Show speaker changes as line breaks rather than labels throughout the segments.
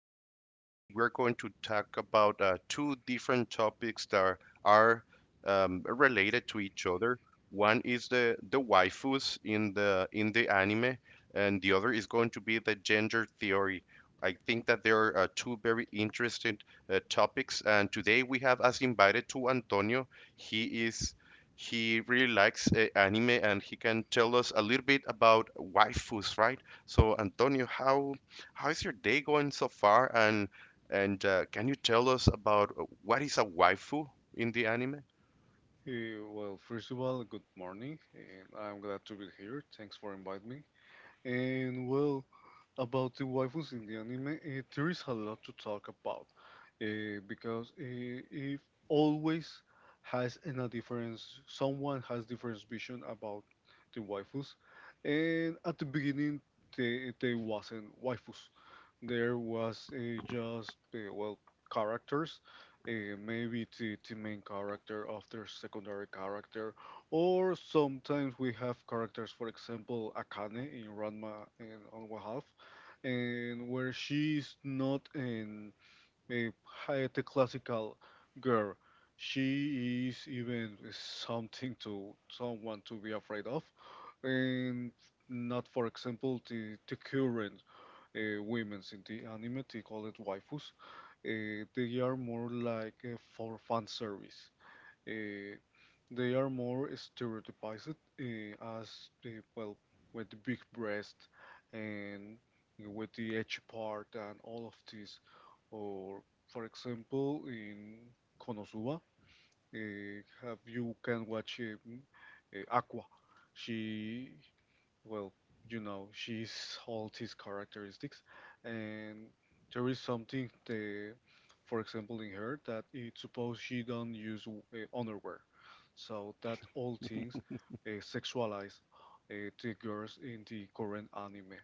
and today we're going to talk about two different topics that are related to each other. One is the waifus in the anime, and the other is going to be the gender theory. I think that there are two very interesting topics, and today we have us invited to Antonio. He is he really likes anime and he can tell us a little bit about waifus, right? So, Antonio, how is your day going so far? And can you tell us about what is a waifu in the anime?
Well, first of all, good morning, and I'm glad to be here. Thanks for inviting me. And well, about the waifus in the anime, there is a lot to talk about because if always has in a difference, someone has different vision about the waifus, and at the beginning they wasn't waifus. There was just well, characters, maybe the main character of their secondary character or sometimes we have characters, for example, Akane in Ranma and on One Half, and where she's not an, a the classical girl. She is even something to someone to be afraid of, and not, for example, the current women's in the anime. They call it waifus. They are more like for fan service. Uh, they are more stereotypized as well, with the big breast and with the edge part and all of this. Or for example, in Konosuba, have you can watch Aqua. She, well, you know, she's all these characteristics, and there is something for example, in her that it suppose she don't use underwear, so that all things sexualize the girls in the current anime.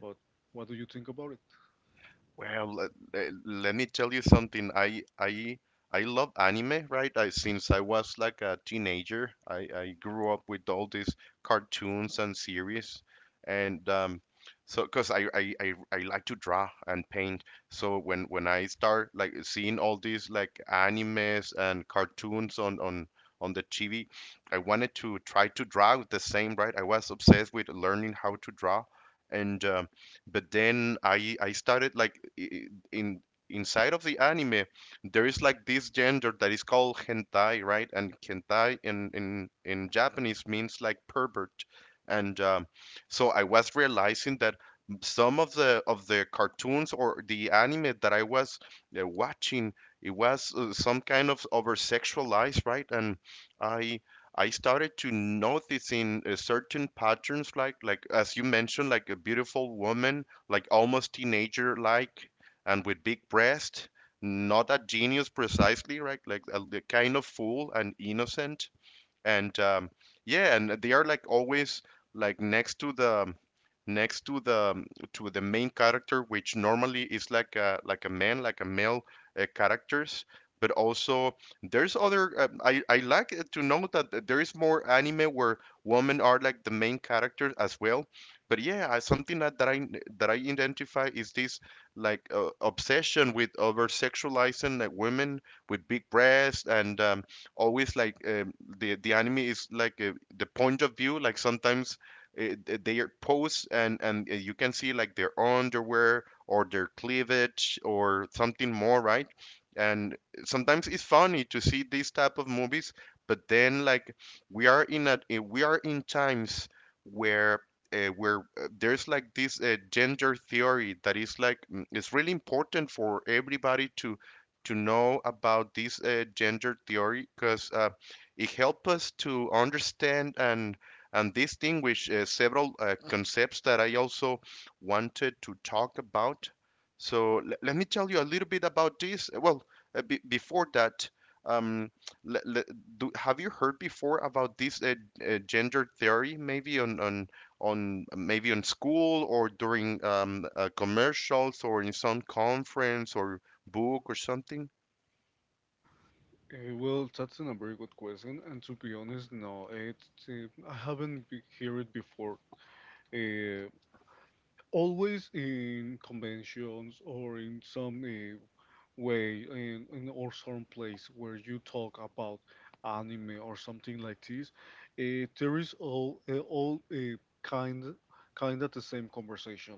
But what do you think about it?
Well, let me tell you something. I love anime, right? Since I was like a teenager, I grew up with all these cartoons and series, and so because I like to draw and paint. So when I start like seeing all these like animes and cartoons on the TV, I wanted to try to draw the same, right? I was obsessed with learning how to draw, and but then I started like I- in inside of the anime there is like this gender that is called hentai, right? And hentai in Japanese means like pervert. And so I was realizing that some of the cartoons or the anime that I was watching, it was some kind of over sexualized, right? And i I started to noticing certain patterns, like as you mentioned, like a beautiful woman, like almost teenager like, and with big breast, not a genius precisely, right? Like a kind of fool and innocent and yeah, and they are like always like next to the to the main character, which normally is like a man, like a male characters. But also there's other I like it to know that there is more anime where women are like the main characters as well. But yeah, something that I identify is this like obsession with over sexualizing like women with big breasts and always like the anime is like the point of view. Like sometimes they are pose and you can see like their underwear or their cleavage or something more, right? And sometimes it's funny to see these type of movies, but then like we are in times where there's like this gender theory that is like it's really important for everybody to know about this gender theory because it helped us to understand and distinguish several concepts that I also wanted to talk about. So let me tell you a little bit about this. Well, be before that, um, le- le- have you heard before about this gender theory? Maybe on school or during commercials or in some conference or book or something.
Well, that's a very good question, and to be honest, no, it I haven't heard it before. Uh, Always in conventions or in some where in or some place where you talk about anime or something like this, there is all kind of the same conversation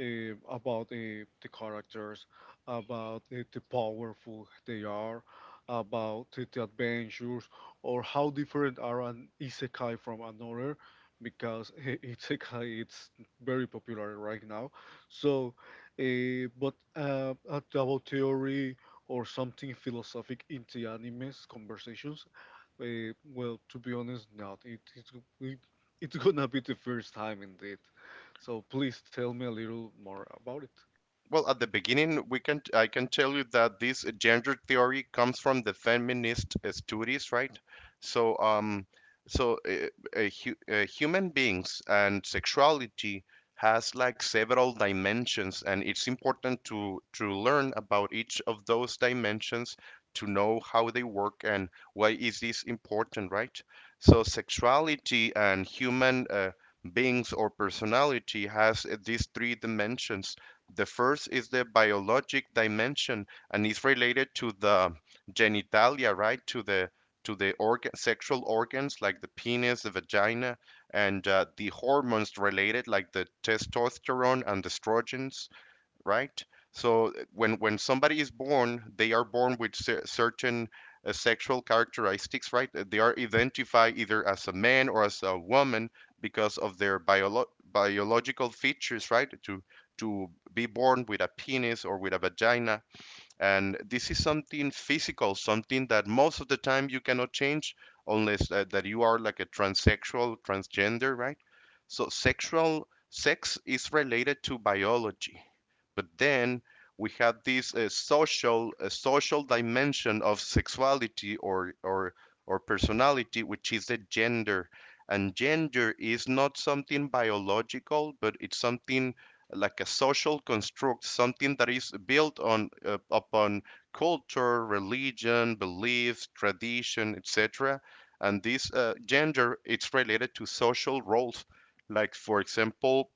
about the characters, about the powerful they are, about the adventures, or how different are an isekai from another, because isekai it's very popular right now. So but about theory or something philosophic into animes conversations, well, to be honest, not. It, it's gonna be the first time indeed. So please tell me a little more about it.
Well, at the beginning, we can I can tell you that this gender theory comes from the feminist studies, right? So, so hu human beings and sexuality has like several dimensions, and it's important to learn about each of those dimensions to know how they work and why is this important, right? So, sexuality and human beings or personality has these three dimensions. The first is the biologic dimension and is related to the genitalia, right? To the organ, sexual organs like the penis, the vagina, and the hormones related like the testosterone and the estrogens, right? So when somebody is born, they are born with certain sexual characteristics, right? They are identified either as a man or as a woman because of their biological features, right? To be born with a penis or with a vagina, and this is something physical, something that most of the time you cannot change unless that you are like a transsexual, transgender, right? So sexual sex is related to biology, but then we have this social dimension of sexuality or personality, which is the gender. And gender is not something biological, but it's something like a social construct, something that is built on upon culture, religion, beliefs, tradition, etc. And this gender, it's related to social roles, like for example,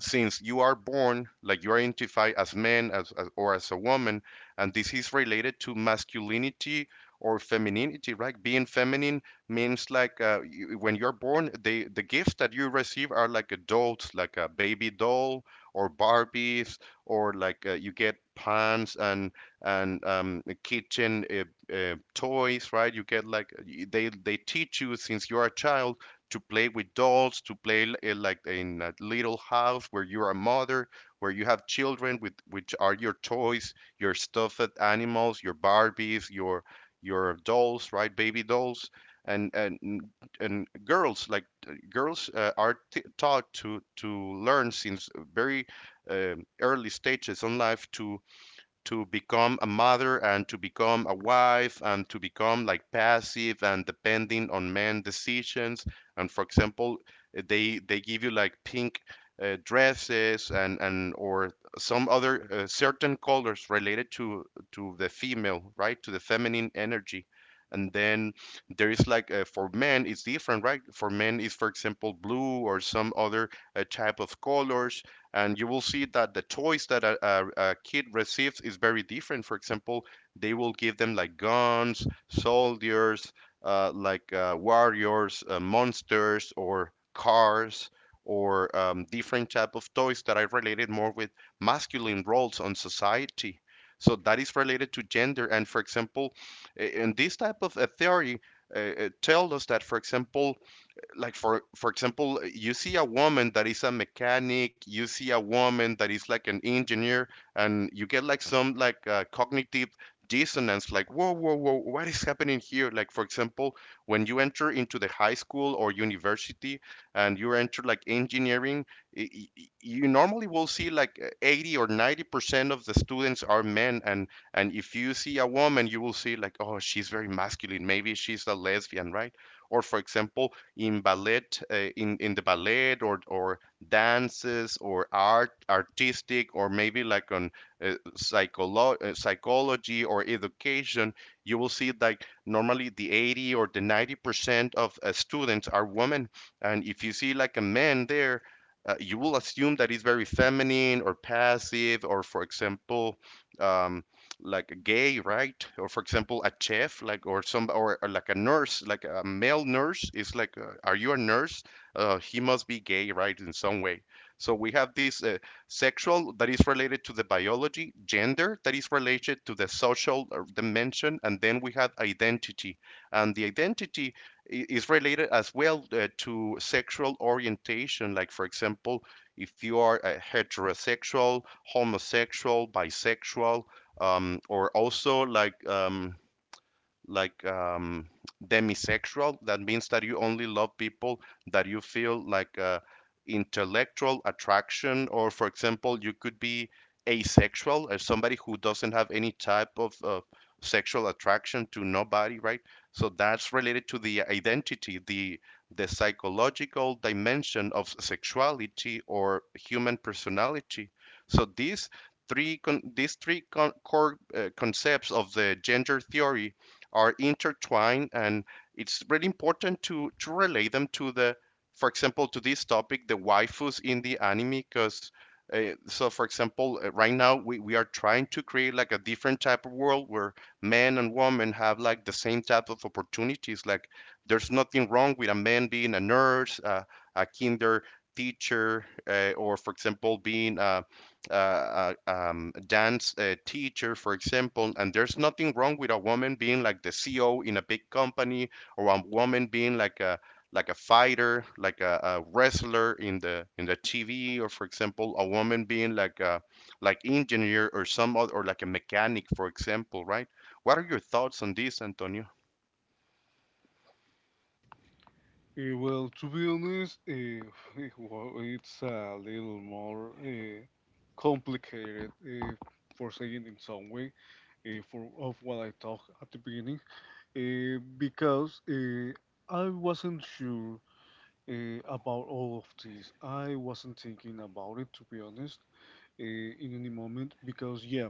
since you are born, like you are identified as man or as a woman, and this is related to masculinity or femininity, right? Being feminine means like you, when you're born, they, the gifts that you receive are like adults, like a baby doll or Barbies, or like you get pants and kitchen toys, right? You get like they teach you since you're a child to play with dolls, to play like in a little house where you're a mother, where you have children with which are your toys, your stuffed animals, your Barbies, your dolls, right, baby dolls. And girls, like girls are taught to learn since very early stages in life to become a mother and to become a wife and to become like passive and depending on men decisions. And for example, they give you like pink dresses and or some other certain colors related to the female, right? To the feminine energy. And then there is like for men it's different, right? For men is, for example, blue or some other type of colors, and you will see that the toys that a kid receives is very different. For example, they will give them like guns, soldiers, warriors, monsters or cars or different type of toys that are related more with masculine roles on society. So that is related to gender. And for example, in this type of a theory, tell us that, for example, like for example, you see a woman that is a mechanic, you see a woman that is like an engineer, and you get like some like cognitive dissonance, like whoa whoa whoa, what is happening here? Like for example, when you enter into the high school or university, and you enter like engineering, y- y- you normally will see like 80 or 90% of the students are men. And if you see a woman, you will see like, oh, she's very masculine, maybe she's a lesbian, right? Or for example, in ballet, in the ballet or dances or art, artistic, or maybe like on psychology or education, you will see like normally the 80 or the 90% of students are women, and if you see like a man there. You will assume that he's very feminine or passive, or for example, um, like a gay, right? Or for example, a chef, like, or some or like a nurse, like a male nurse is like, are you a nurse? He must be gay, right, in some way. So we have this sexual that is related to the biology, gender that is related to the social dimension, and then we have identity. And the identity is related as well to sexual orientation. Like for example, if you are a heterosexual, homosexual, bisexual, or also like demisexual. That means that you only love people that you feel like intellectual attraction, or for example, you could be asexual, as somebody who doesn't have any type of sexual attraction to nobody, right? So that's related to the identity, the psychological dimension of sexuality or human personality. So these three core concepts of the gender theory are intertwined, and it's really important to relate them to the, for example, to this topic, the waifus in the anime. Because for example, right now we are trying to create like a different type of world where men and women have like the same type of opportunities. Like there's nothing wrong with a man being a nurse, a kinder teacher, or for example being a dance teacher, for example. And there's nothing wrong with a woman being like the CEO in a big company, or a woman being like a fighter, like a wrestler in the TV, or for example, a woman being like a like engineer or some other, or like a mechanic, for example, right? What are your thoughts on this, Antonio?
Well, to be honest, well, it's a little more complicated for saying in some way for of what I talked at the beginning because I wasn't sure about all of this. I wasn't thinking about it, to be honest, in any moment, because yeah,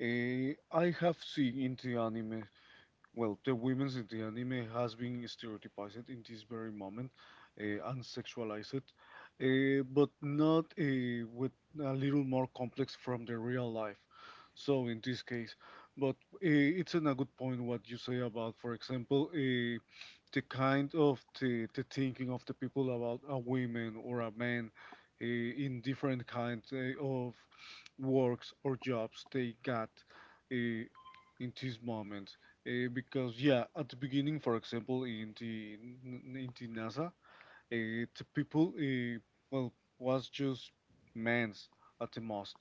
I have seen in the anime, well, the women's in the anime has been stereotypized in this very moment and sexualized, but not with a little more complex from the real life. So in this case, but it's an, a good point what you say about, for example, the kind of the thinking of the people about a woman or a man in different kinds of works or jobs they got uh, in this moment because yeah at the beginning for example in the nasa, the people, well, was just men's at the most,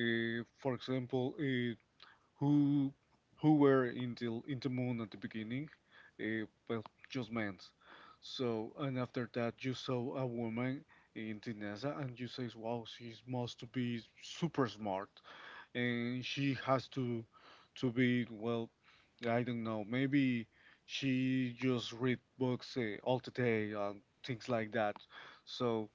for example, who who were in the moon at the beginning, well, just men. So and after that, you saw a woman in the NASA, and you say, "Wow, she must be super smart," and she has to be, well, I don't know, maybe she just read books all the day and things like that. So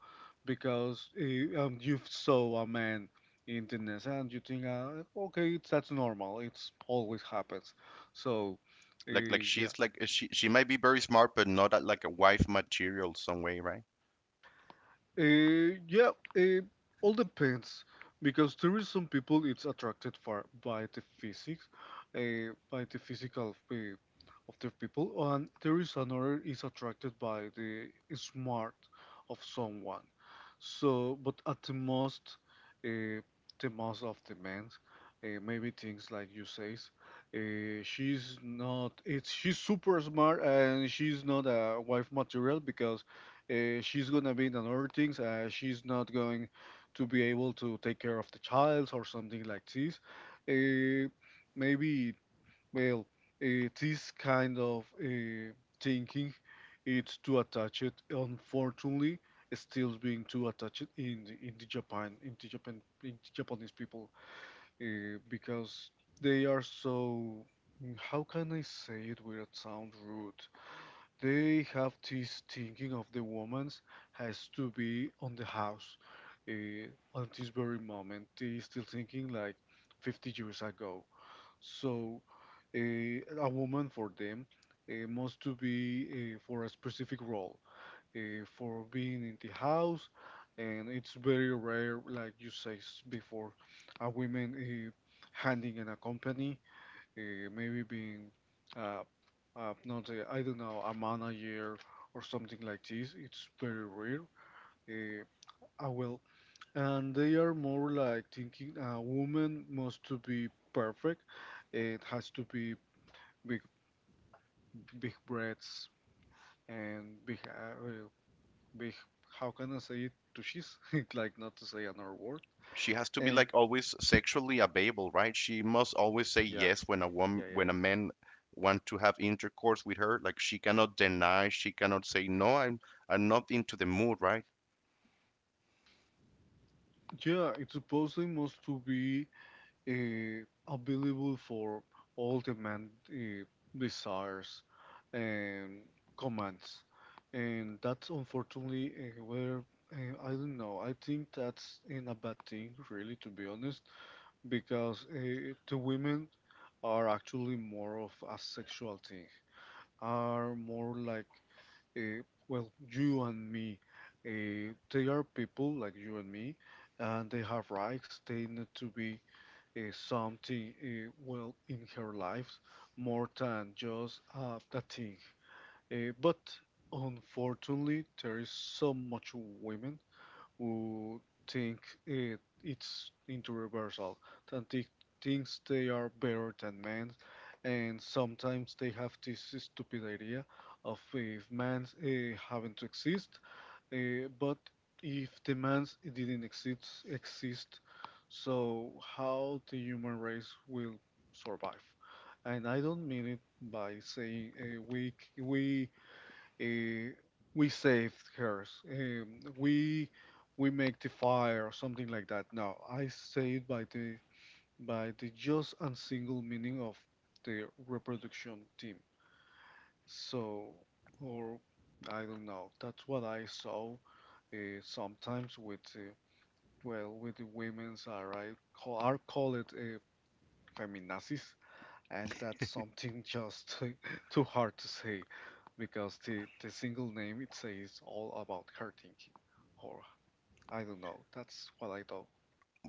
because you saw a man in the nest and you think, okay, it's, that's normal, it's always happens. So
Like
yeah.
she's like she might be very smart, but not at like a wife material some way, right?
Yeah, uh, all depends because there is some people it's attracted for by the physics, by the physical of the people, and there is another is attracted by the smart of someone. So, but at uh, the most of the men, maybe things like you says, she's not. It's She's super smart and she's not a wife material because she's gonna be in other things. She's not going to be able to take care of the child or something like this. Uh, Maybe, well, this kind of thinking, it's too attached. Unfortunately, it's still being too attached in the Japanese people, because they are so. How can I say it without sound rude? They have this thinking of the woman has to be on the house. At this very moment, they still thinking like 50 years ago. So a woman for them must to be for a specific role, for being in the house, and it's very rare, like you say before, a woman handing in a company, maybe being uh, not the, I don't know, a man a year or something like this. It's very rare. Uh, well, and they are more like thinking a woman must to be perfect. It has to be big, big breasts and big, well, big. How can I say it? Tushies, like not to say another word.
She has to be
And
like always sexually available, right? She must always say
yeah,
yes
yeah, yeah,
when a man want to have intercourse with her. Like she cannot deny, she cannot say no, I'm not into the mood, right?
yeah. Yeah, it supposedly must to be available for all the man desires and commands. And that's unfortunately where, I don't know. I think that's in a bad thing, really, to be honest, because the women are actually more of a sexual thing. Are more like uh, well, you and me. They are people like you and me, and they have rights. They need to be something well in her life more than just that thing. But unfortunately, there is so much women who think it, it's into reversal, that they thinks they are better than men, and sometimes they have this stupid idea of if man having to exist, but if demands didn't exist, so how the human race will survive? And I don't mean it by saying, we uh, we saved hers, we we make the fire or something like that. No, I say it by the just and single meaning of the reproduction team. So, or I don't know. That's what I saw sometimes with well with the women's are call it feminazis, and that's something just too hard to say because the single name it says all about her thinking, or I don't know. That's what I thought.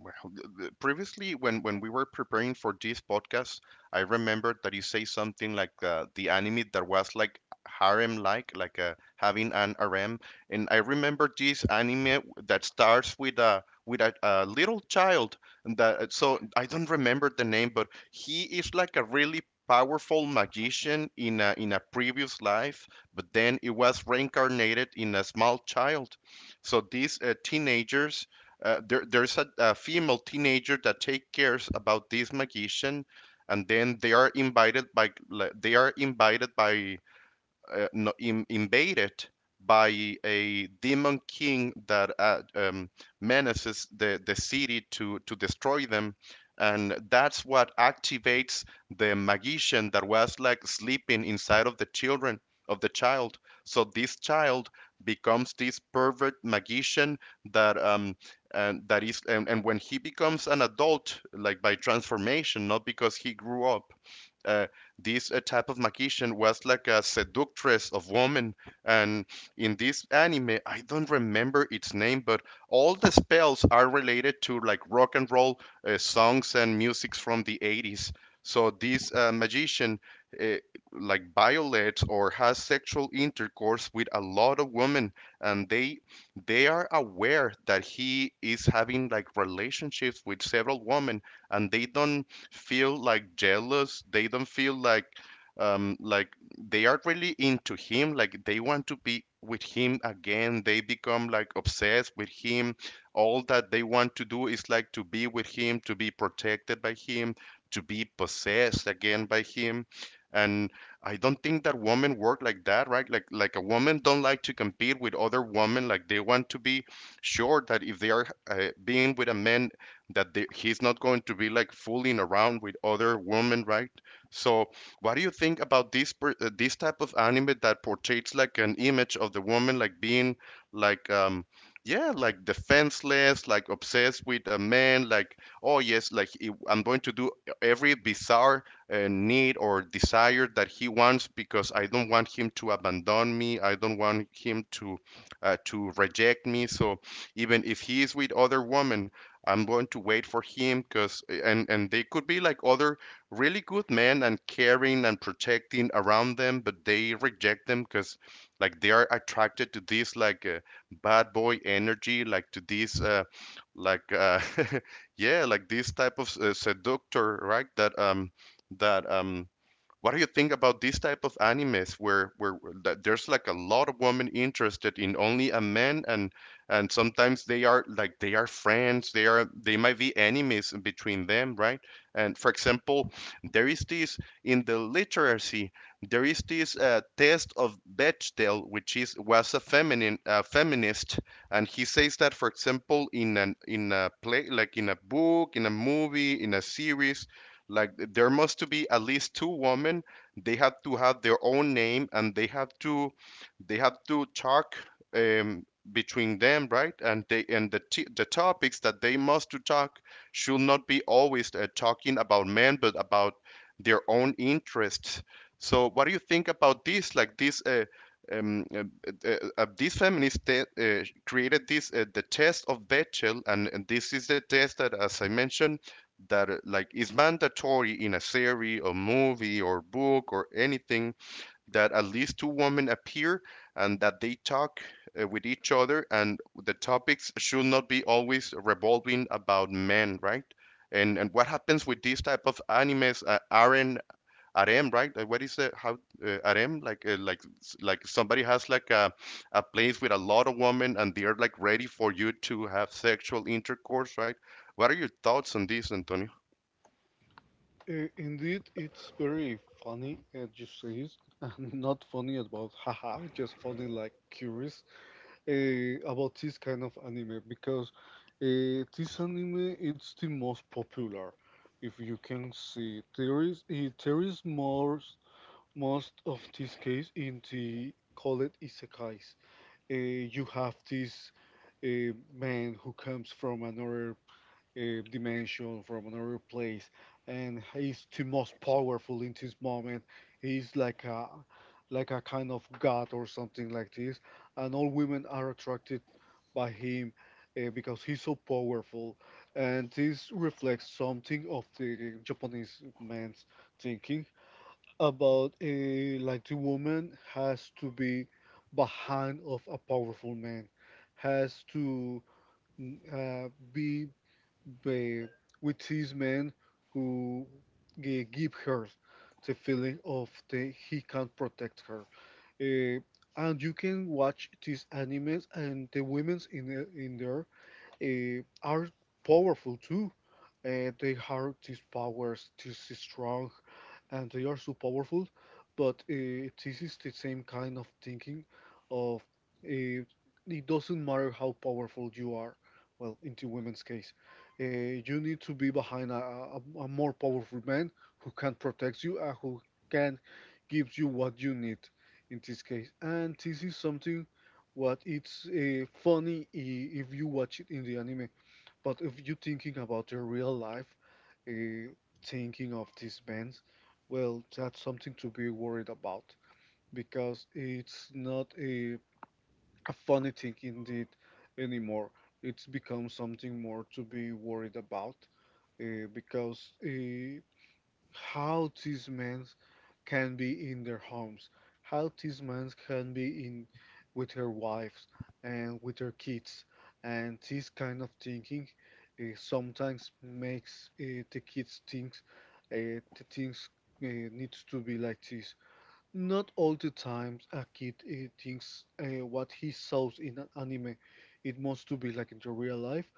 Well, previously, when we were preparing for this podcast, I remembered that you say something like the anime that was like harem-like, like having an harem, and I remember this anime that starts with a little child. And That so I don't remember the name, but he is like a really powerful magician in a previous life, but then it was reincarnated in a small child. So these teenagers there's a female teenager that takes cares about this magician, and then they are invited by no, in, invaded by a demon king that menaces the city to destroy them. And that's what activates the magician that was like sleeping inside of the child. So this child becomes this pervert magician that and that is and when he becomes an adult like by transformation, not because he grew up, uh, this type of magician was like a seductress of women, and in this anime, I don't remember its name, but all the spells are related to like rock and roll songs and musics from the 80s. So this magician uh, like violates or has sexual intercourse with a lot of women, and they are aware that he is having like relationships with several women, and they don't feel like jealous. They don't feel like um like they are really into him. Like they want to be with him again. They become like obsessed with him. All that they want to do is like to be with him, to be protected by him, to be possessed again by him. And I don't think that women work like that, right? Like a woman don't like to compete with other women. Like they want to be sure that if they are being with a man he's not going to be like fooling around with other women, right? So, what do you think about this type of anime that portrays like an image of the woman like being like um yeah like defenseless, like obsessed with a man, like oh yes, like I'm going to do every bizarre need or desire that he wants because I don't want him to abandon me, I don't want him to reject me. So even if he is with other women, I'm going to wait for him, because and they could be like other really good men and caring and protecting around them, but they reject them because like they are attracted to this like bad boy energy, like to this like uh, yeah, like this type of seductor, right? That that What do you think about these type of animes where that there's like a lot of women interested in only a man, and sometimes they are like they are friends, they are they might be enemies between them, right? And for example, there is this in the literacy, there is this test of Bechdel, which is was a feminine feminist, and he says that for example in an in a play, like in a book, in a movie, in a series, like there must be at least two women. They have to have their own name and they have to talk um, between them, right? And they and the topics that they must to talk should not be always talking about men, but about their own interests. So what do you think about this? Like this. Um, uh, these feminists created this the test of Bechdel, and this is the test that, as I mentioned, that like is mandatory in a series or movie or book or anything, that at least two women appear and that they talk with each other, and the topics should not be always revolving about men, right? And what happens with these type of animes are harem, right? What is it, how harem, like somebody has like a place with a lot of women and they're like ready for you to have sexual intercourse, right? What are your thoughts on this, Antonio?
Indeed, it's very funny, as you say, and not funny about haha, just funny like curious about this kind of anime because this anime it's the most popular. If you can see, there is eh, there is more most of this case in the called isekais. Uh, you have this man who comes from another dimension from another place, and he's the most powerful in this moment. He's like a kind of god or something like this, and all women are attracted by him because he's so powerful, and this reflects something of the Japanese man's thinking about like the woman has to be behind of a powerful man has to uh, be, be with these men who give her the feeling of the he can protect her. Uh, and you can watch these animes and the women's in in there are powerful too. They have these powers, this is strong, and they are so powerful. But this is the same kind of thinking of, uh, it doesn't matter how powerful you are. Well, in the women's case, you need to be behind a more powerful man who can protect you and who can give you what you need in this case. And this is something what it's funny if you watch it in the anime, but if you thinking about the real life, uh, thinking of these bands, well, that's something to be worried about because it's not a, a funny thing indeed anymore. It's become something more to be worried about because how these men can be in their homes, how these men can be in with their wives and with their kids, and this kind of thinking sometimes makes the kids think the things uh, needs to be like this. Not all the times a kid thinks what he saws in an anime, it must to be like in the real life.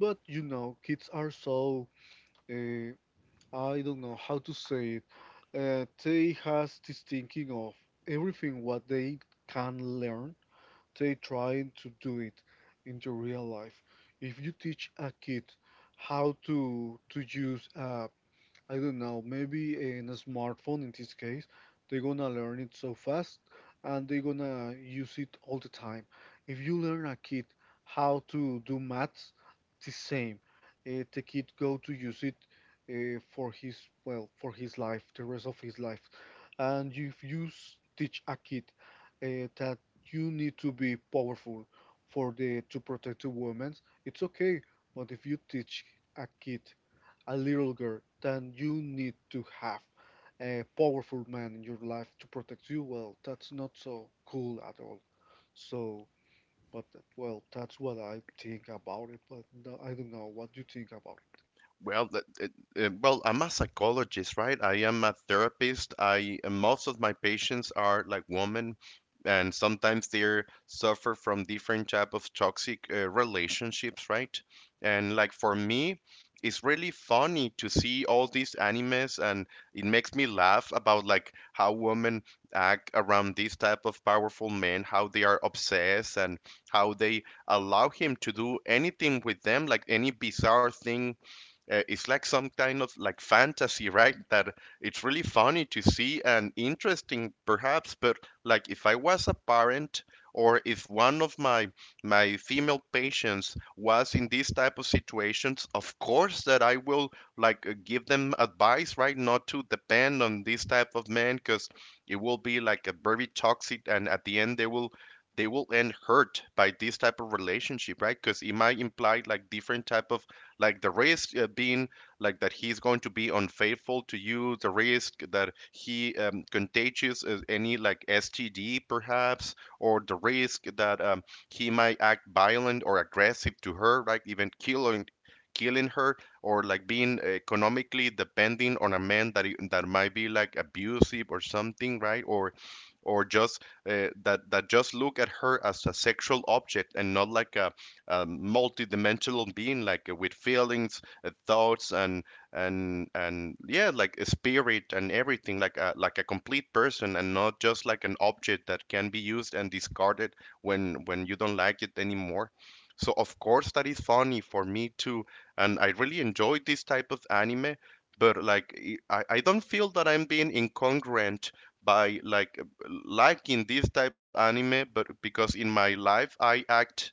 But you know, kids are so, uh, I don't know how to say it. They has this thinking of everything what they can learn, they trying to do it in the real life. If you teach a kid how to use a, I don't know, maybe in a smartphone in this case, they're gonna learn it so fast and they're gonna use it all the time. If you learn a kid how to do maths, the same. The kid go to use it for his, well, for his life, the rest of his life. And if you teach a kid that you need to be powerful for the to protect the women, it's okay. But if you teach a kid a little girl, then you need to have a powerful man in your life to protect you. Well, that's not so cool at all. So, but, well, that's what I think about it. But no, I don't know what you think about
Well, it, well, I'm a psychologist, right? I am a therapist. I and most of my patients are like women, and sometimes they are suffer from different type of toxic relationships, right? And like for me, it's really funny to see all these animes, and it makes me laugh about like how women act around these type of powerful men, how they are obsessed, and how they allow him to do anything with them, like any bizarre thing. It's like some kind of like fantasy, right? That it's really funny to see and interesting, perhaps. But like, if I was a parent or if one of my female patients was in these type of situations, of course that I will like give them advice, right? Not to depend on this type of man, because it will be like a very toxic, and at the end they will end hurt by this type of relationship, right? Because it might imply like different type of like the risk being like that he's going to be unfaithful to you, the risk that he contagious any like STD perhaps, or the risk that he might act violent or aggressive to her, like even killing her, or like being economically depending on a man that might be like abusive or something, right? Or just that that just look at her as a sexual object and not like a multidimensional being, like with feelings, thoughts, and yeah, like a spirit and everything, like a complete person, and not just like an object that can be used and discarded when you don't like it anymore. So of course that is funny for me too, and I really enjoy this type of anime. But like I don't feel that I'm being incongruent by like liking this type of anime, but because in my life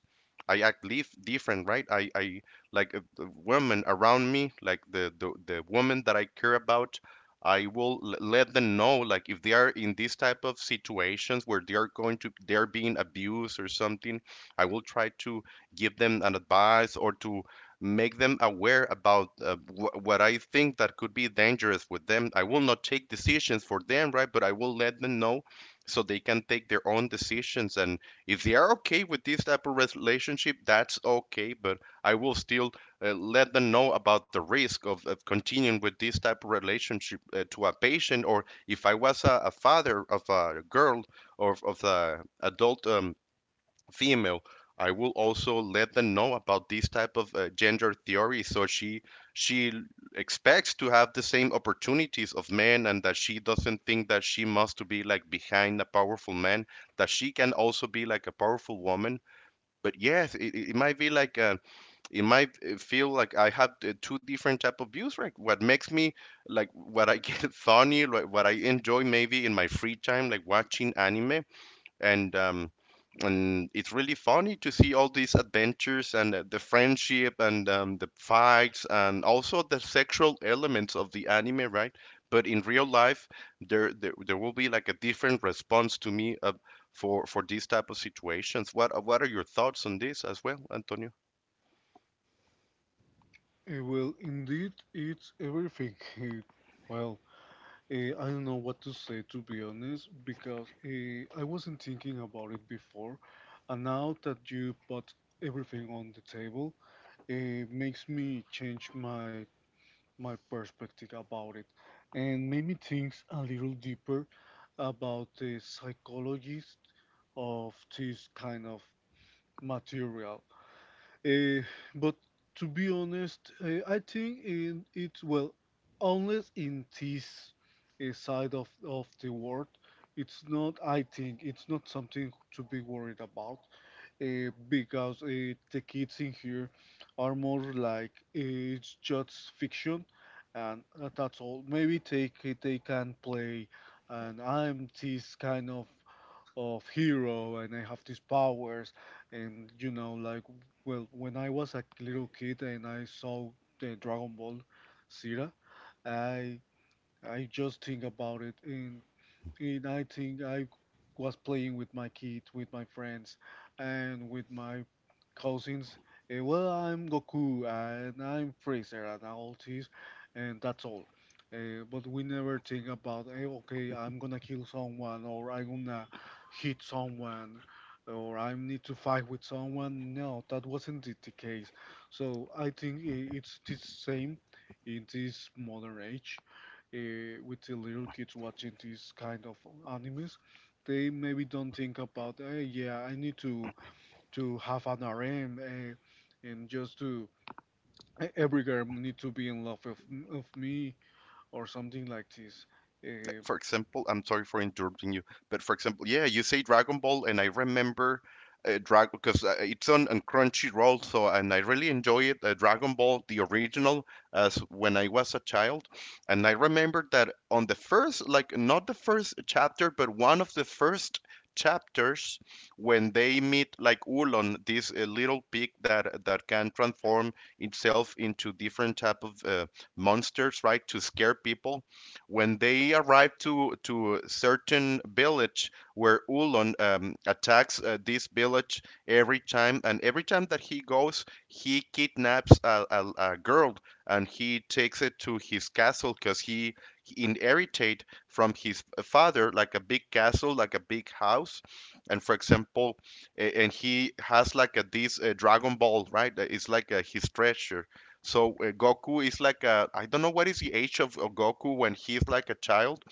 I act leaf different, right? I like the women around me, like the woman that I care about. I will let them know, like if they are in these type of situations where they are going to they're being abused or something. I will try to give them an advice or to make them aware about what I think that could be dangerous with them. I will not take decisions for them, right? But I will let them know so they can take their own decisions, and if they are okay with this type of relationship, that's okay, but I will still let them know about the risk of continuing with this type of relationship to a patient, or if I was a father of a girl or of the adult female, I will also let them know about this type of gender theory, so she expects to have the same opportunities of men, and that she doesn't think that she must to be like behind a powerful man, that she can also be like a powerful woman. But yes, it might be like it might feel like I have two different type of views, right? What makes me like what I get funny, like what I enjoy maybe in my free time, like watching anime, and um and it's really funny to see all these adventures and the friendship, and the fights, and also the sexual elements of the anime, right? But in real life, there there will be like a different response to me of, for these type of situations. What are your thoughts on this as well, Antonio?
it. Well, indeed, it's everything. Eh, well, I don't know what to say, to be honest, because I wasn't thinking about it before, and now that you put everything on the table, it makes me change my perspective about it, and made me think a little deeper about the psychologist of this kind of material. Eh, but, to be honest, I think in it, well, unless in this side of the world, it's not. I think it's not something to be worried about because the kids in here are more like, it's just fiction, and that's all. Maybe they can play, and I'm this kind of hero, and I have these powers, and like, well, when I was a little kid and I saw the Dragon Ball, Zira, I I just think about it, and I think I was playing with my kids, with my friends, and with my cousins. Well, I'm Goku and I'm Freezer and all this, and that's all. But we never think about, okay, I'm gonna kill someone, or I'm gonna hit someone, or I need to fight with someone. No, that wasn't the case. So I think it's the same in this modern age, uh, with the little kids watching these kind of animes, they maybe don't think about, hey, yeah, I need to have an RM, and just to every girl need to be in love of me or something like this.
Like,
Uh,
for example, I'm sorry for interrupting you, but for example, yeah, you say Dragon Ball, and I remember Dragon because it's on Crunchyroll, so and I really enjoy it. Dragon Ball, the original, as when I was a child, and I remember that on the first, like not the first chapter, but one of the first chapters when they meet like Ulon, this little pig that can transform itself into different type of monsters, right, to scare people. When they arrived to a certain village where Ulon attacks this village every time, and every time that he goes, he kidnaps a girl and he takes it to his castle because he inherited from his father like a big castle, like a big house, and for example, and he has like a this Dragon Ball, right? It's like his treasure, so Goku is like a I don't know what is the age of Goku when he's like a child,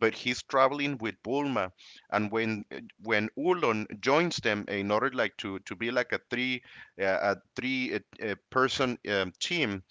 but he's traveling with Bulma, and when Ulon joins them in order like to be like a three person team.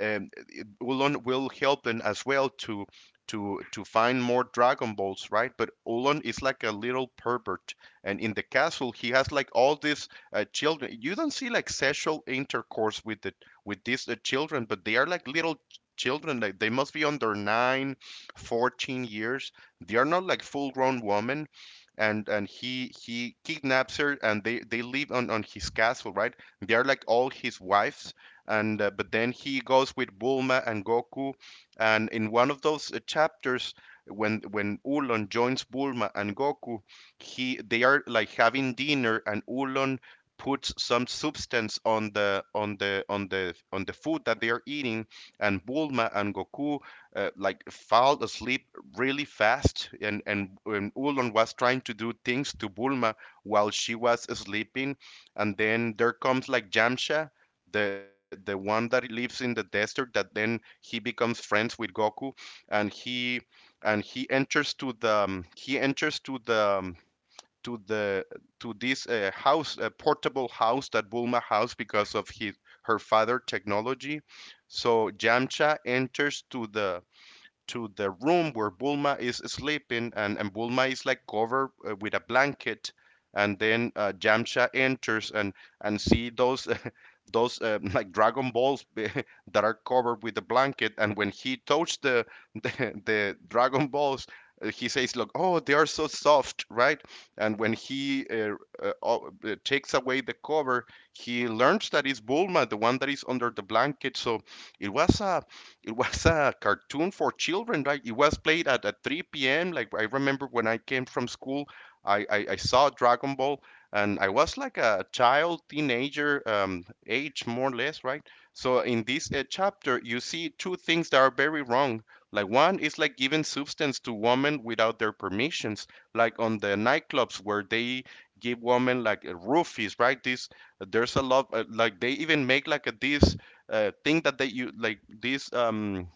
It Ullon will help them as well to to find more Dragon Balls, right? But Ullon is like a little pervert, and in the castle he has like all these children. You don't see like sexual intercourse with the with these children, but they are like little children. Like they must be under nine, 14 years. They are not like full grown women. And he kidnaps her, and they live on his castle, right? They are like all his wives, and but then he goes with Bulma and Goku, and in one of those chapters when Ulon joins Bulma and Goku, he they are like having dinner, and Ulon puts some substance on the on the food that they are eating, and Bulma and Goku like fall asleep really fast, and and Ulon was trying to do things to Bulma while she was sleeping, and then there comes like Jamsha, the one that lives in the desert that then he becomes friends with Goku, and he and he enters to the he enters to the to the to this house portable house that Bulma house because of his her father technology, so Yamcha enters to the room where Bulma is sleeping, and Bulma is like covered with a blanket, and then Yamcha enters and see those those like Dragon Balls that are covered with a blanket, and when he touched the the Dragon Balls. He says, "Look, oh, they are so soft, right?" And when he takes away the cover, he learns that it's Bulma, the one that is under the blanket. So it was a it was a cartoon for children, right? It was played at 3 p.m. Like I remember when I came from school, I saw Dragon Ball, and I was like a child, teenager age, more or less, right? So in this chapter, you see two things that are very wrong. Like one is like giving substance to women without their permissions, like on the nightclubs where they give women like roofies, right? This there's a lot like they even make like a, this thing that they you like these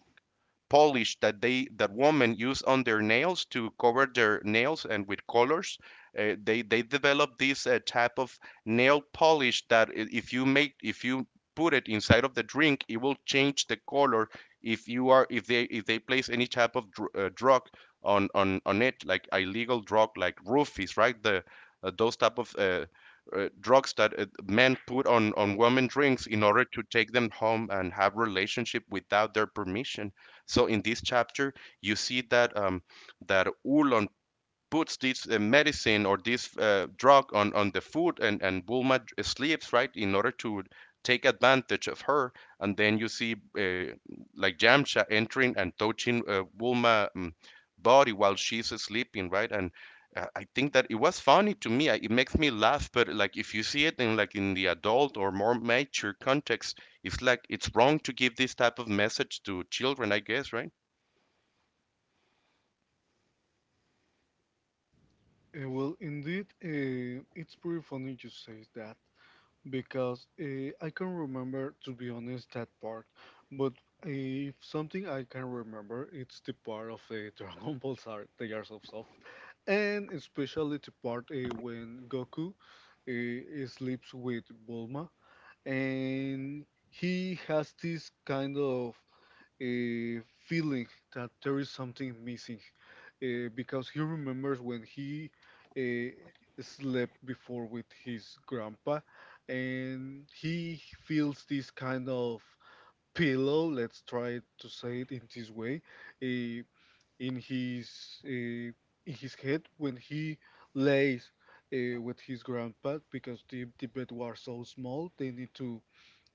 polish that they that women use on their nails to cover their nails and with colors. They develop this type of nail polish that if you make if you put it inside of the drink, it will change the color if you are if they place any type of drug on it like illegal drug like roofies, right? The those type of drugs that men put on women drinks in order to take them home and have relationship without their permission. So in this chapter, you see that that Oolong puts this medicine or this drug on the food, and Bulma sleeps right in order to take advantage of her. And then you see like Yamcha entering and touching Bulma body while she's sleeping, right? And I think that it was funny to me. It makes me laugh, but like if you see it in like in the adult or more mature context, it's like it's wrong to give this type of message to children, I guess, right?
well, indeed, it's pretty funny you say that, because I can remember, to be honest, that part. But if something I can remember, it's the part of the Dragon Ball The Years of Soft, and especially the part, when Goku sleeps with Bulma, and he has this kind of uh, feeling that there is something missing, because he remembers when he uh, slept before with his grandpa, and he feels this kind of pillow, let's try to say it in this way, uh, in his in his head when he lays, with his grandpa, because the bed was so small they need to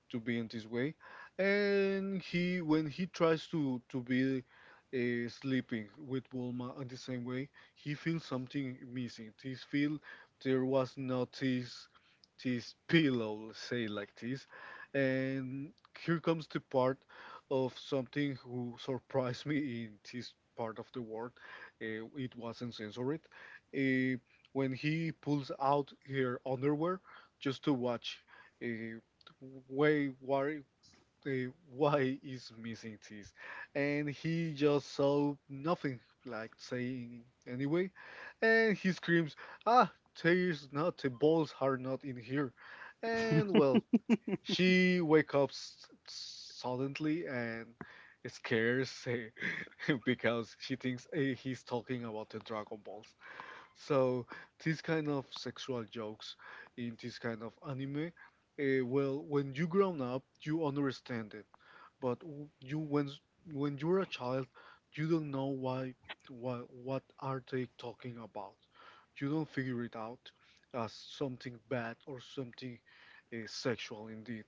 to be in this way, and he when he tries to be sleeping with Bulma in the same way, he feels something missing. He feel there was not this pillow, let's say like this. And here comes the part of something who surprised me in this part of the world. It wasn't censored, uh, when he pulls out her underwear just to watch. uh, Wait, why, why is missing this? And he just saw nothing, like saying anyway. And he screams, "Ah, there's not, the balls are not in here." And well, she wakes up suddenly and scares because she thinks he's talking about the Dragon Balls. So these kind of sexual jokes in this kind of anime, well, when you grown up, you understand it. But w- you when you're a child, you don't know why what are they talking about. You don't figure it out as something bad or something sexual indeed.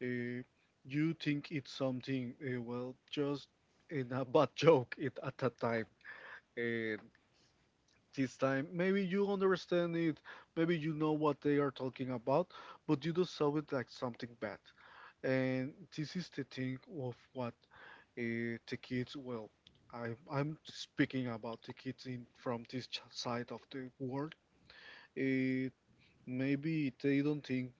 Uh, you think it's something well, just in a bad joke it, at that time this time. Maybe you understand it, maybe you know what they are talking about, but you do saw it like something bad. And this is the thing of what the kids, well, I'm speaking about the kids in from this side of the world. Uh, Maybe they don't think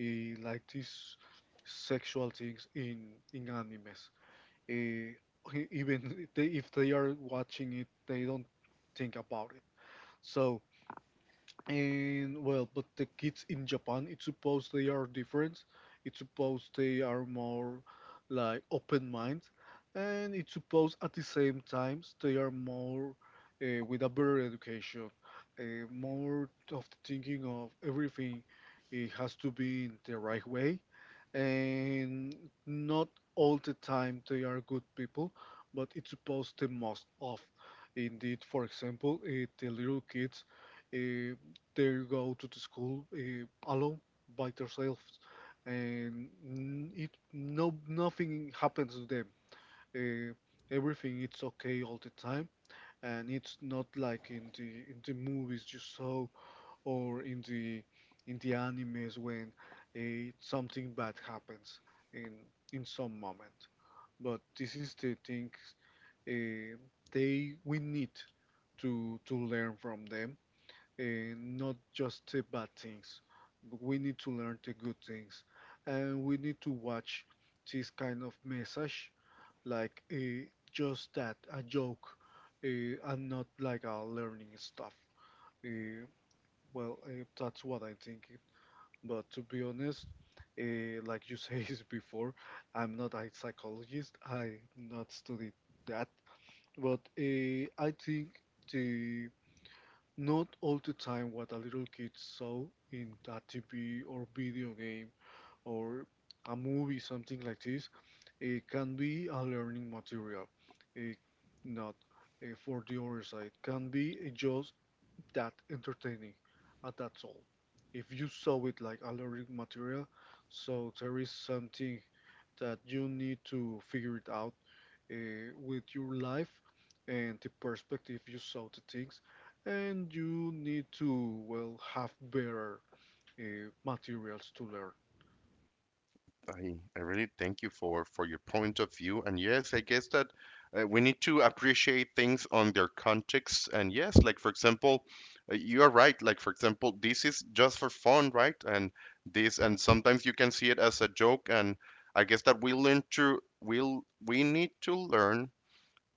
like these sexual things in animes. Uh, Even they, if they are watching it, they don't think about it. So, and well, but the kids in Japan, it's supposed they are different. It's supposed they are more like open mind, and it's supposed at the same times they are more with a better education, more of the thinking of everything. It has to be in the right way, and not all the time they are good people, but it's supposed the most of. Indeed, for example, the little kids. Uh, they go to the school alone by themselves, and n- it no nothing happens to them. Uh, Everything it's okay all the time, and it's not like in the movies you saw, or in the animes when something bad happens in in some moment. But this is the thing uh, they we need to learn from them, uh, not just the bad things. We need to learn the good things, and we need to watch this kind of message, like, just that a joke, uh, and not like a learning stuff. Uh, well, that's what I'm thinking. But, to be honest, like you said before, I'm not a psychologist. I not studied that, but I think the not all the time what a little kid saw in a TV or video game or a movie, something like this, it can be a learning material. It not, for the other side can be just that entertaining, and that's all. If you saw it like alluring material, so there is something that you need to figure it out uh, with your life and the perspective you saw the things, and you need to, well, have better materials to learn.
I really thank you for your point of view. And yes, I guess that we need to appreciate things on their context. And yes, like for example, you are right. Like for example, this is just for fun, right? And this and sometimes you can see it as a joke. And I guess that we learn to we'll we need to learn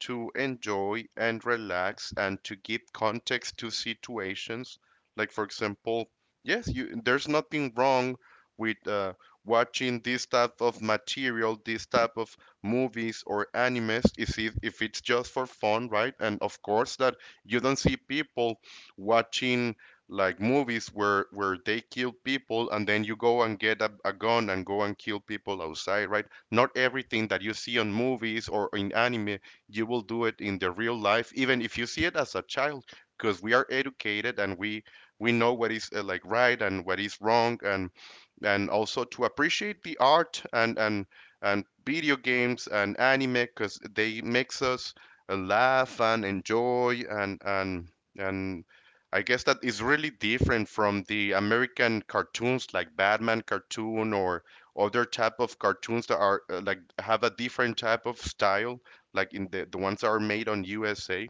to enjoy and relax and to give context to situations. Like for example, yes, you, there's nothing wrong with watching this type of material, this type of movies or animes, if it, if it's just for fun, right? And of course that you don't see people watching like movies where they kill people and then you go and get a gun and go and kill people outside, right? Not everything that you see on movies or in anime you will do it in the real life, even if you see it as a child, because we are educated and we know what is like right and what is wrong, and also to appreciate the art and video games and anime, because they makes us laugh and enjoy and and I guess that is really different from the American cartoons like Batman cartoon or other type of cartoons that are like have a different type of style like in the ones that are made on USA,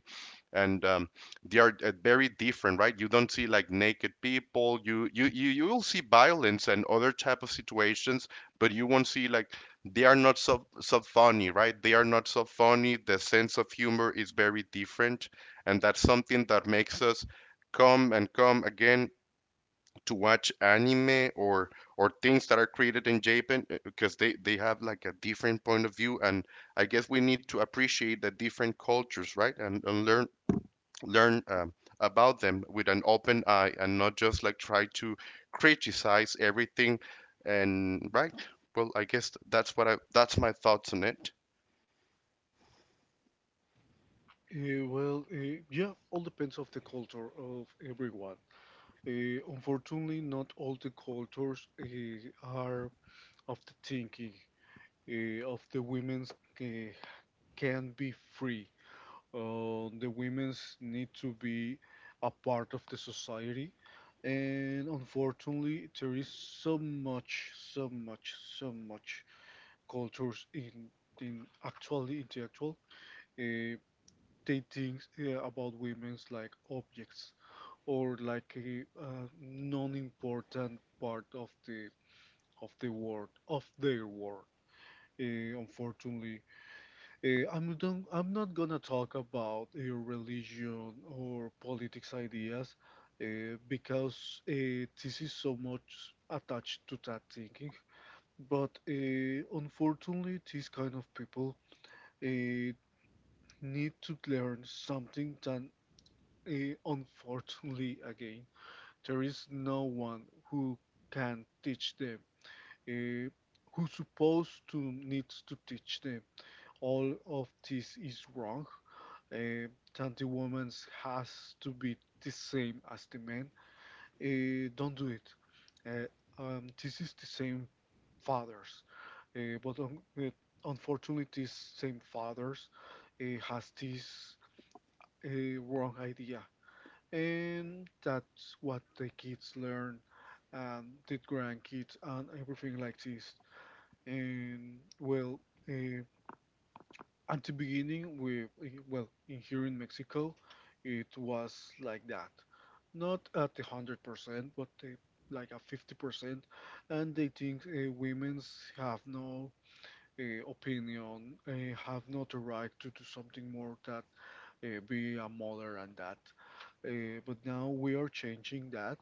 and they are very different, right? You don't see like naked people. You will see violence and other type of situations, but you won't see like they are not so so funny, right? They are not so funny. The sense of humor is very different, and that's something that makes us come and come again to watch anime or things that are created in Japan because they have like a different point of view. And I guess we need to appreciate the different cultures, right? And learn learn about them with an open eye and not just like try to criticize everything and right? Well, I guess that's what I that's my thoughts on it.
Well, yeah, all depends of the culture of everyone. Unfortunately, not all the cultures are of the thinking of the women's uh, can be free. The women's need to be a part of the society, and unfortunately, there is so much, so much, so much cultures in actually in the actual. Uh, they think about women's like objects, or like a, non-important part of the world of their world. Unfortunately, I'm not gonna talk about religion or politics ideas because this is so much attached to that thinking. But unfortunately, these kind of people uh, need to learn something that, unfortunately, again, there is no one who can teach them, uh, who supposed to needs to teach them all of this is wrong. Uh, that the woman has to be the same as the man. Don't do it. This is the same fathers, but unfortunately, these same fathers has this wrong idea, and that's what the kids learn, and the grandkids, and everything like this. And well, uh, at the beginning, we well, in here in Mexico, it was like that, not at 100%, but like a 50%, and they think women's have no opinion, have not the right to do something more that be a mother and that. But now we are changing that.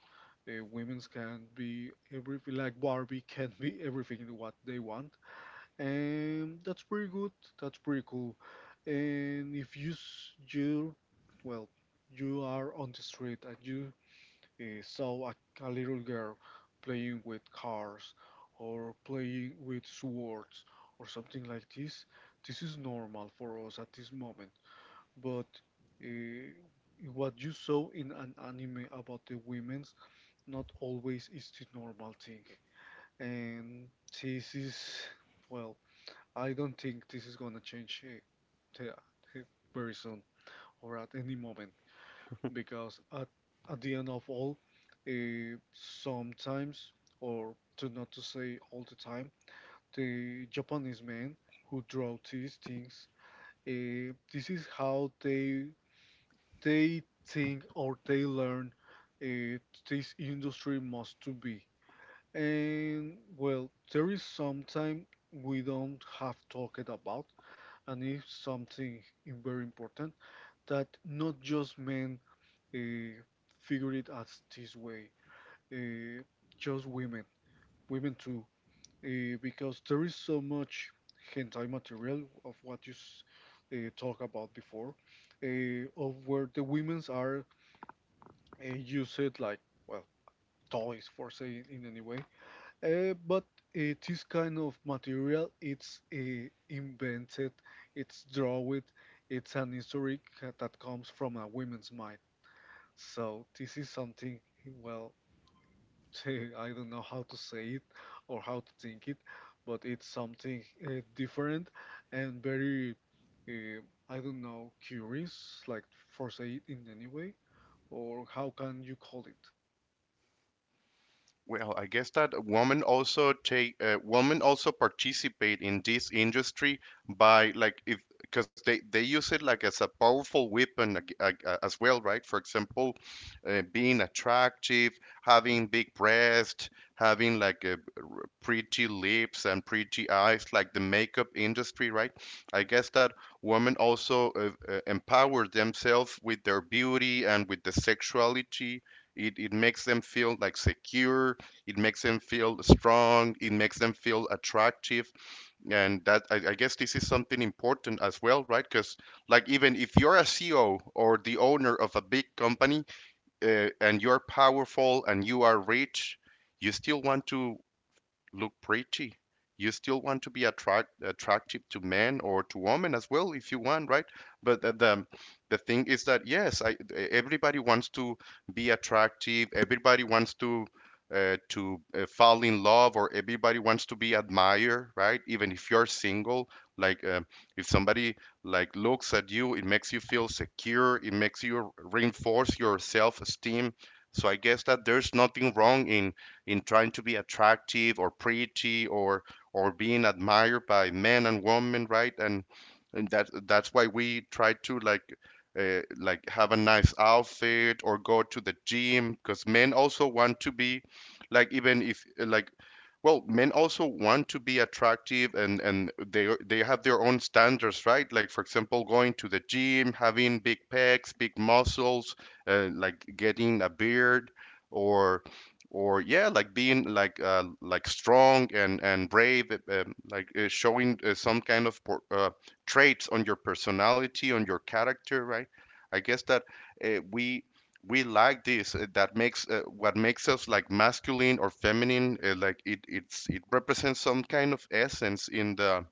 Women's can be everything, like Barbie can be everything what they want, and that's pretty good. That's pretty cool. And if you well, you are on the street and you saw a little girl playing with cars or playing with swords or something like this is normal for us at this moment. But uh, what you saw in an anime about the women's not always is the normal thing, and this is, well, I don't think this is gonna change te- eh, very soon or at any moment, because at the end of all, sometimes, or to not to say all the time, the Japanese men who draw these things, this is how they think or they learn uh, this industry must to be. And well, there is sometime we don't have talked about, and it's something very important, that not just men uh, figure it as this way, uh, just women, women too, because there is so much hentai material of what you talk about before, of where the women's are used like, well, toys for say in any way, but this kind of material, it's invented, it's drawn, it's an historic that comes from a woman's mind. So this is something, well, I don't know how to say it or how to think it, but it's something different and very, uh, I don't know, curious, like for say it in any way, or how can you call it?
Well, I guess that women also take women also participate in this industry by like if because they use it like as a powerful weapon as well, right? For example, being attractive, having big breasts, having like a pretty lips and pretty eyes, like the makeup industry, right? I guess that women also empower themselves with their beauty and with the sexuality, it makes them feel like secure, it makes them feel strong. It makes them feel attractive, and that I guess this is something important as well, right? Because like even if you're a CEO or the owner of a big company and you're powerful and you are rich, you still want to look pretty. You still want to be attract attractive to men or to women as well if you want, right? But the thing is that yes, I, everybody wants to be attractive. Everybody wants to fall in love, or everybody wants to be admired, right? Even if you're single, like if somebody like looks at you, it makes you feel secure. It makes you reinforce your self-esteem. So I guess that there's nothing wrong in trying to be attractive or pretty or being admired by men and women, right? And that that's why we try to like have a nice outfit or go to the gym because men also want to be like even if like well, men also want to be attractive and they have their own standards, right? Like for example, going to the gym, having big pecs, big muscles, like getting a beard or or yeah, like being like strong and brave, like showing some kind of traits on your personality, on your character, right? I guess that uh, we we like this that makes what makes us like masculine or feminine, like it represents some kind of essence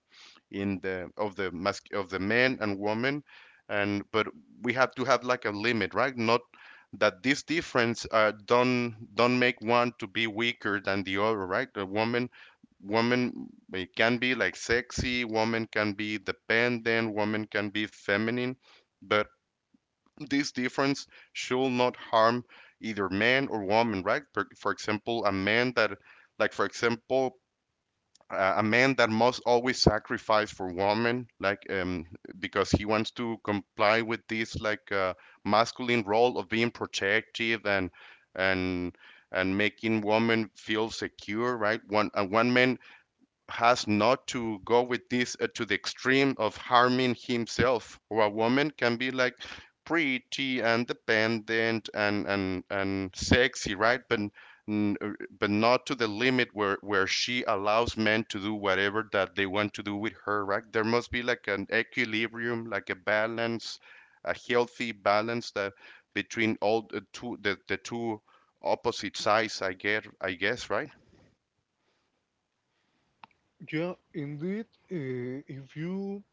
in the of the mas of the man and woman. And but we have to have like a limit, right? Not that this difference, don't make one to be weaker than the other, right? The woman can be like sexy, woman can be dependent, woman can be feminine, but this difference should not harm either man or woman, right? For example, like for example, a man that must always sacrifice for woman, like, because he wants to comply with this, like, masculine role of being protective and and and making woman feel secure, right? One man has not to go with this, to the extreme of harming himself. Or a woman can be like pretty and dependent and and sexy, right? But uh, but not to the limit where she allows men to do whatever that they want to do with her, right? There must be like an equilibrium, like a balance, a healthy balance that between all the two, the two opposite sides, I guess, right?
Yeah, indeed. If you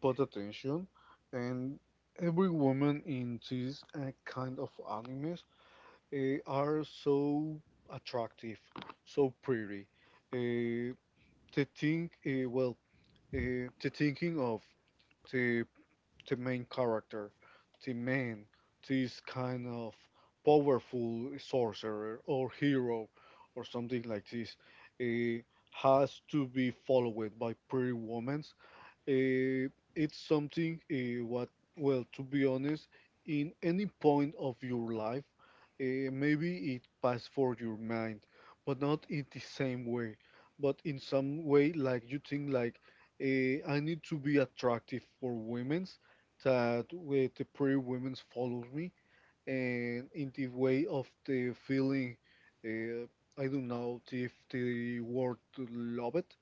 But attention, and every woman in these kind of animes are so attractive, so pretty. Uh, the think, uh, well, the thinking of the the main character, the man, this kind of powerful sorcerer or hero or something like this, uh, has to be followed by pretty women uh, it's something to be honest, in any point of your life, maybe it passed for your mind, but not in the same way. But in some way, like you think, like I need to be attractive for women's, that with the pretty women's follow me, and in the way of the feeling, uh, I don't know if the word to love it,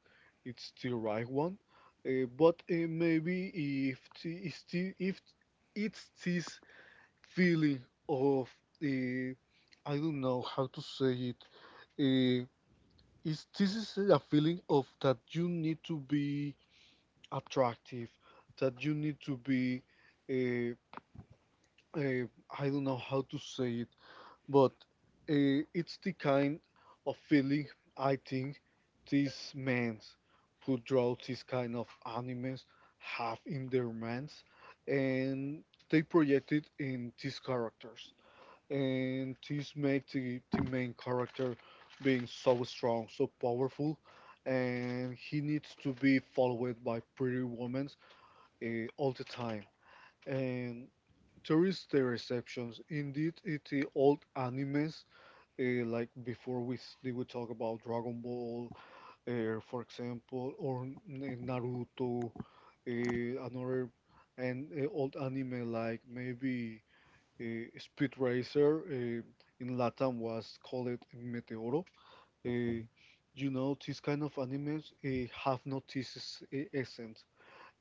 it's the right one, but maybe if the, is the- if it's this feeling of uh, I don't know how to say it. Uh, is this is a feeling of that you need to be attractive, that you need to be uh, uh, I don't know how to say it but it's the kind of feeling I think these men who draw this kind of animes have in their minds, and they project it in these characters, and this makes the main character being so strong, so powerful, and he needs to be followed by pretty women all the time, and there is the exceptions. Indeed, in the old animes, like they would talk about Dragon Ball, for example, or Naruto, another and old anime like maybe Speed Racer, in Latam was called Meteoro. Uh,
Mm-hmm.
you know, these kind of animes have no thesis essence,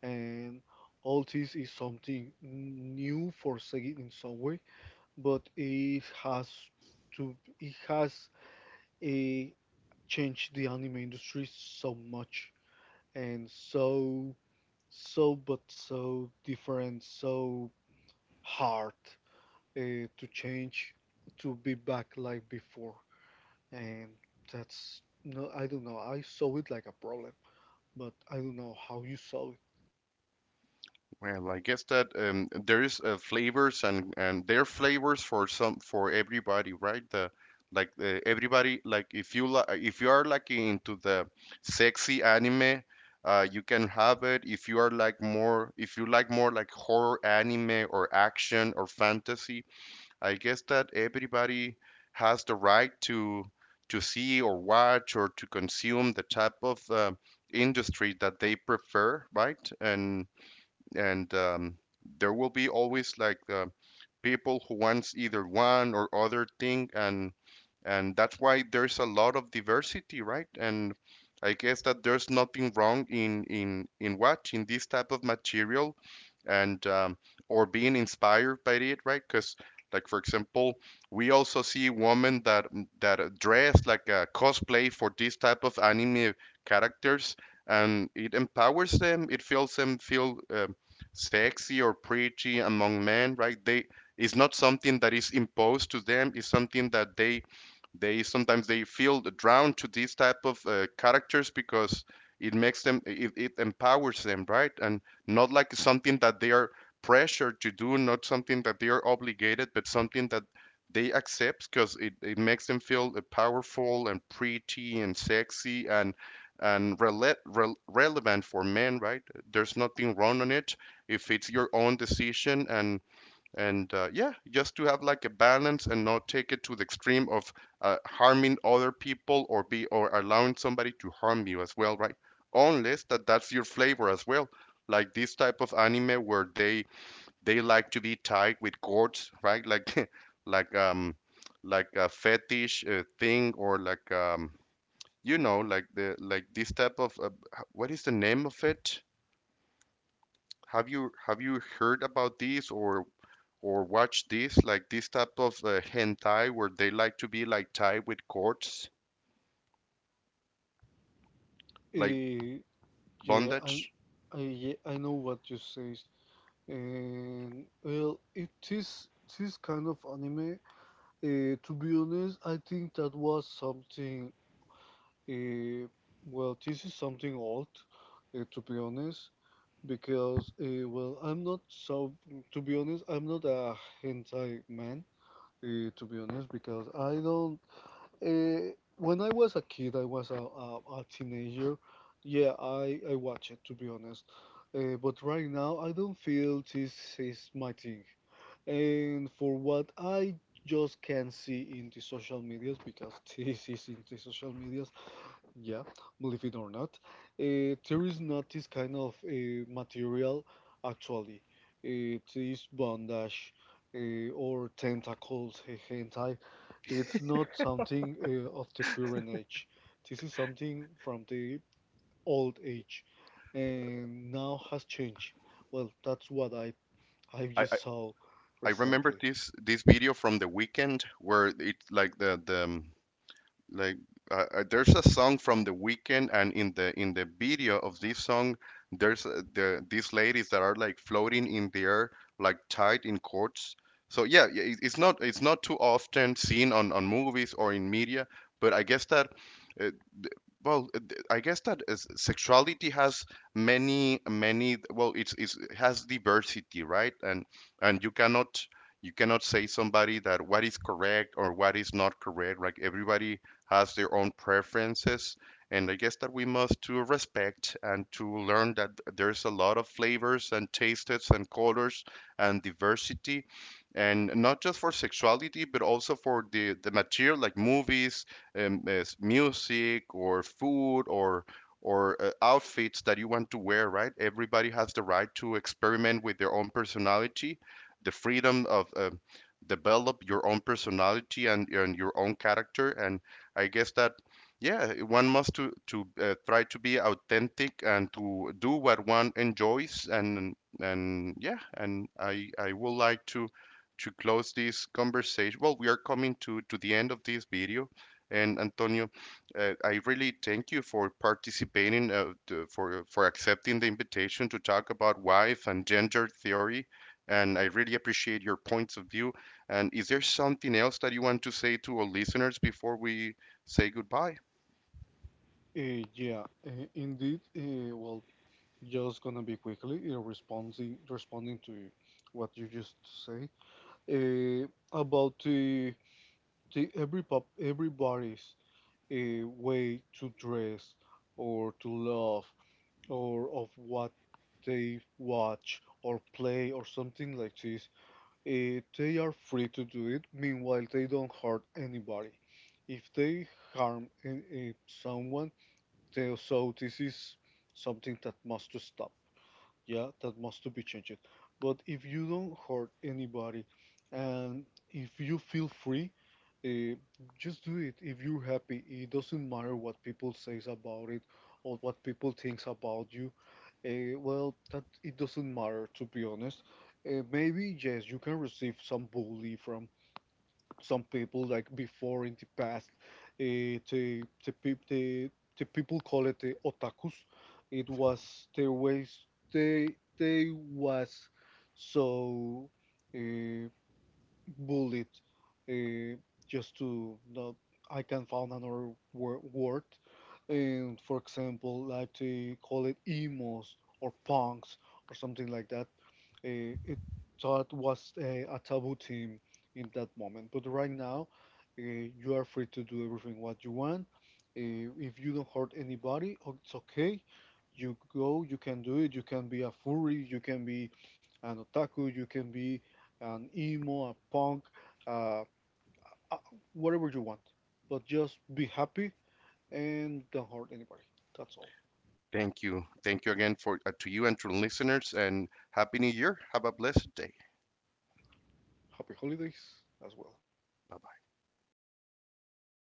and all this is something new for Sega in some way, but it has to it has it changed the anime industry so much and so different so hard to change, to be back like before, and that's no, I don't know, I saw it like a problem, but I don't know how you saw
Well, I guess that, there's, flavors, and there are flavors for some, for everybody, right? The, like, everybody like, if you are like into the sexy anime, you can have it. If you are like more, if you like more like horror anime or action or fantasy, I guess that everybody has the right to see or watch or to consume the type of industry that they prefer, right? And and um, there will be always, like, people who wants either one or other thing, and that's why there's a lot of diversity, right? And I guess that there's nothing wrong in in watching this type of material, and, or being inspired by it, right? Because, like, for example, we also see women that dress like a cosplay for this type of anime characters, and it empowers them, it feels them feel, sexy or pretty among men, right? They, it's not something that is imposed to them. It's something that they, sometimes they feel drawn to these type of characters, because it makes them, it empowers them, right? And not like something that they are pressured to do, not something that they are obligated, but something that they accept because it makes them feel powerful and pretty and sexy and relevant for men, right? There's nothing wrong on it if it's your own decision, and yeah, just to have like a balance and not take it to the extreme of harming other people, or be, or allowing somebody to harm you as well, right? Unless that that's your flavor as well, like this type of anime where they like to be tied with cords, right? Like like, like a fetish, thing, or like, you know, like the, like this type of what is the name of it? Have you heard about these, or watch this, like this type of hentai, where they like to be like tied with cords?
it.
Like
Yeah i
bondage.
I, yeah, I know what you say, and well, it is, it is kind of anime. To be honest, I think that was something. Uh, well, this is something old, to be honest, because well, I'm not so. To be honest, I'm not a hentai man. To be honest, because I don't. When I was a kid, I was a teenager. Yeah, I watch it to be honest, but right now I don't feel this is my thing. And for what I just can see in the social medias, because this is in the social medias, yeah, believe it or not, there is not this kind of material actually. It is bondage or tentacles, hentai. It's not something of the current age. This is something from the old age and now has changed. Well, that's what I
I, I
just saw
I remember
recently.
this, this video from the weekend, where it's like the, like there's a song from The Weeknd, and in the, in the video of this song, there's, these ladies that are like floating in the air, like tied in cords. So yeah, yeah, it, it's not, it's not too often seen on movies or in media, but I guess that. Uh, th- I guess that is, sexuality has many, many. Well, it's, it has diversity, right? And you cannot, you cannot say somebody that what is correct or what is not correct. Like, everybody has their own preferences. And I guess that we must to respect and to learn that there's a lot of flavors and tastes and colors and diversity, and not just for sexuality, but also for the material like movies, as music, or food, or outfits that you want to wear, right? Everybody has the right to experiment with their own personality, the freedom of, develop your own personality and, your own character. And I guess that, yeah, one must to try to be authentic and to do what one enjoys, and yeah. And I would like to close this conversation. Well, we are coming to the end of this video, and Antonio, I really thank you for participating, for accepting the invitation to talk about wife and gender theory, and I really appreciate your points of view. And is there something else that you want to say to our listeners before we say goodbye?
Yeah, indeed. Well, just gonna be quickly responding to what you just say uh, about the every pop everybody's way to dress or to love or of what they watch or play or something like this. They are free to do it. Meanwhile, they don't hurt anybody. If they harm someone, they, so this is something that must to stop. Yeah, that must to be changed. But if you don't hurt anybody, and if you feel free, uh, just do it. If you're happy, it doesn't matter what people says about it or what people thinks about you. Well, that it doesn't matter to be honest. Maybe yes, you can receive some bully from some people like before in the past, uh, the, the, peop the, the people call it the otakus, it was their ways, they they was so uh, bullied, uh, just to not, I can find another word, and for example like they call it emos or punks or something like that. It thought was a taboo team in that moment. But right now, you are free to do everything what you want. If you don't hurt anybody, oh, it's okay. You go, you can do it. You can be a furry, you can be an otaku, you can be an emo, a punk, uh, uh, whatever you want. But just be happy and don't hurt anybody. That's all.
Thank you. Thank you again for to you and to listeners, and happy new year. Have a blessed day.
Happy holidays as well.
Bye.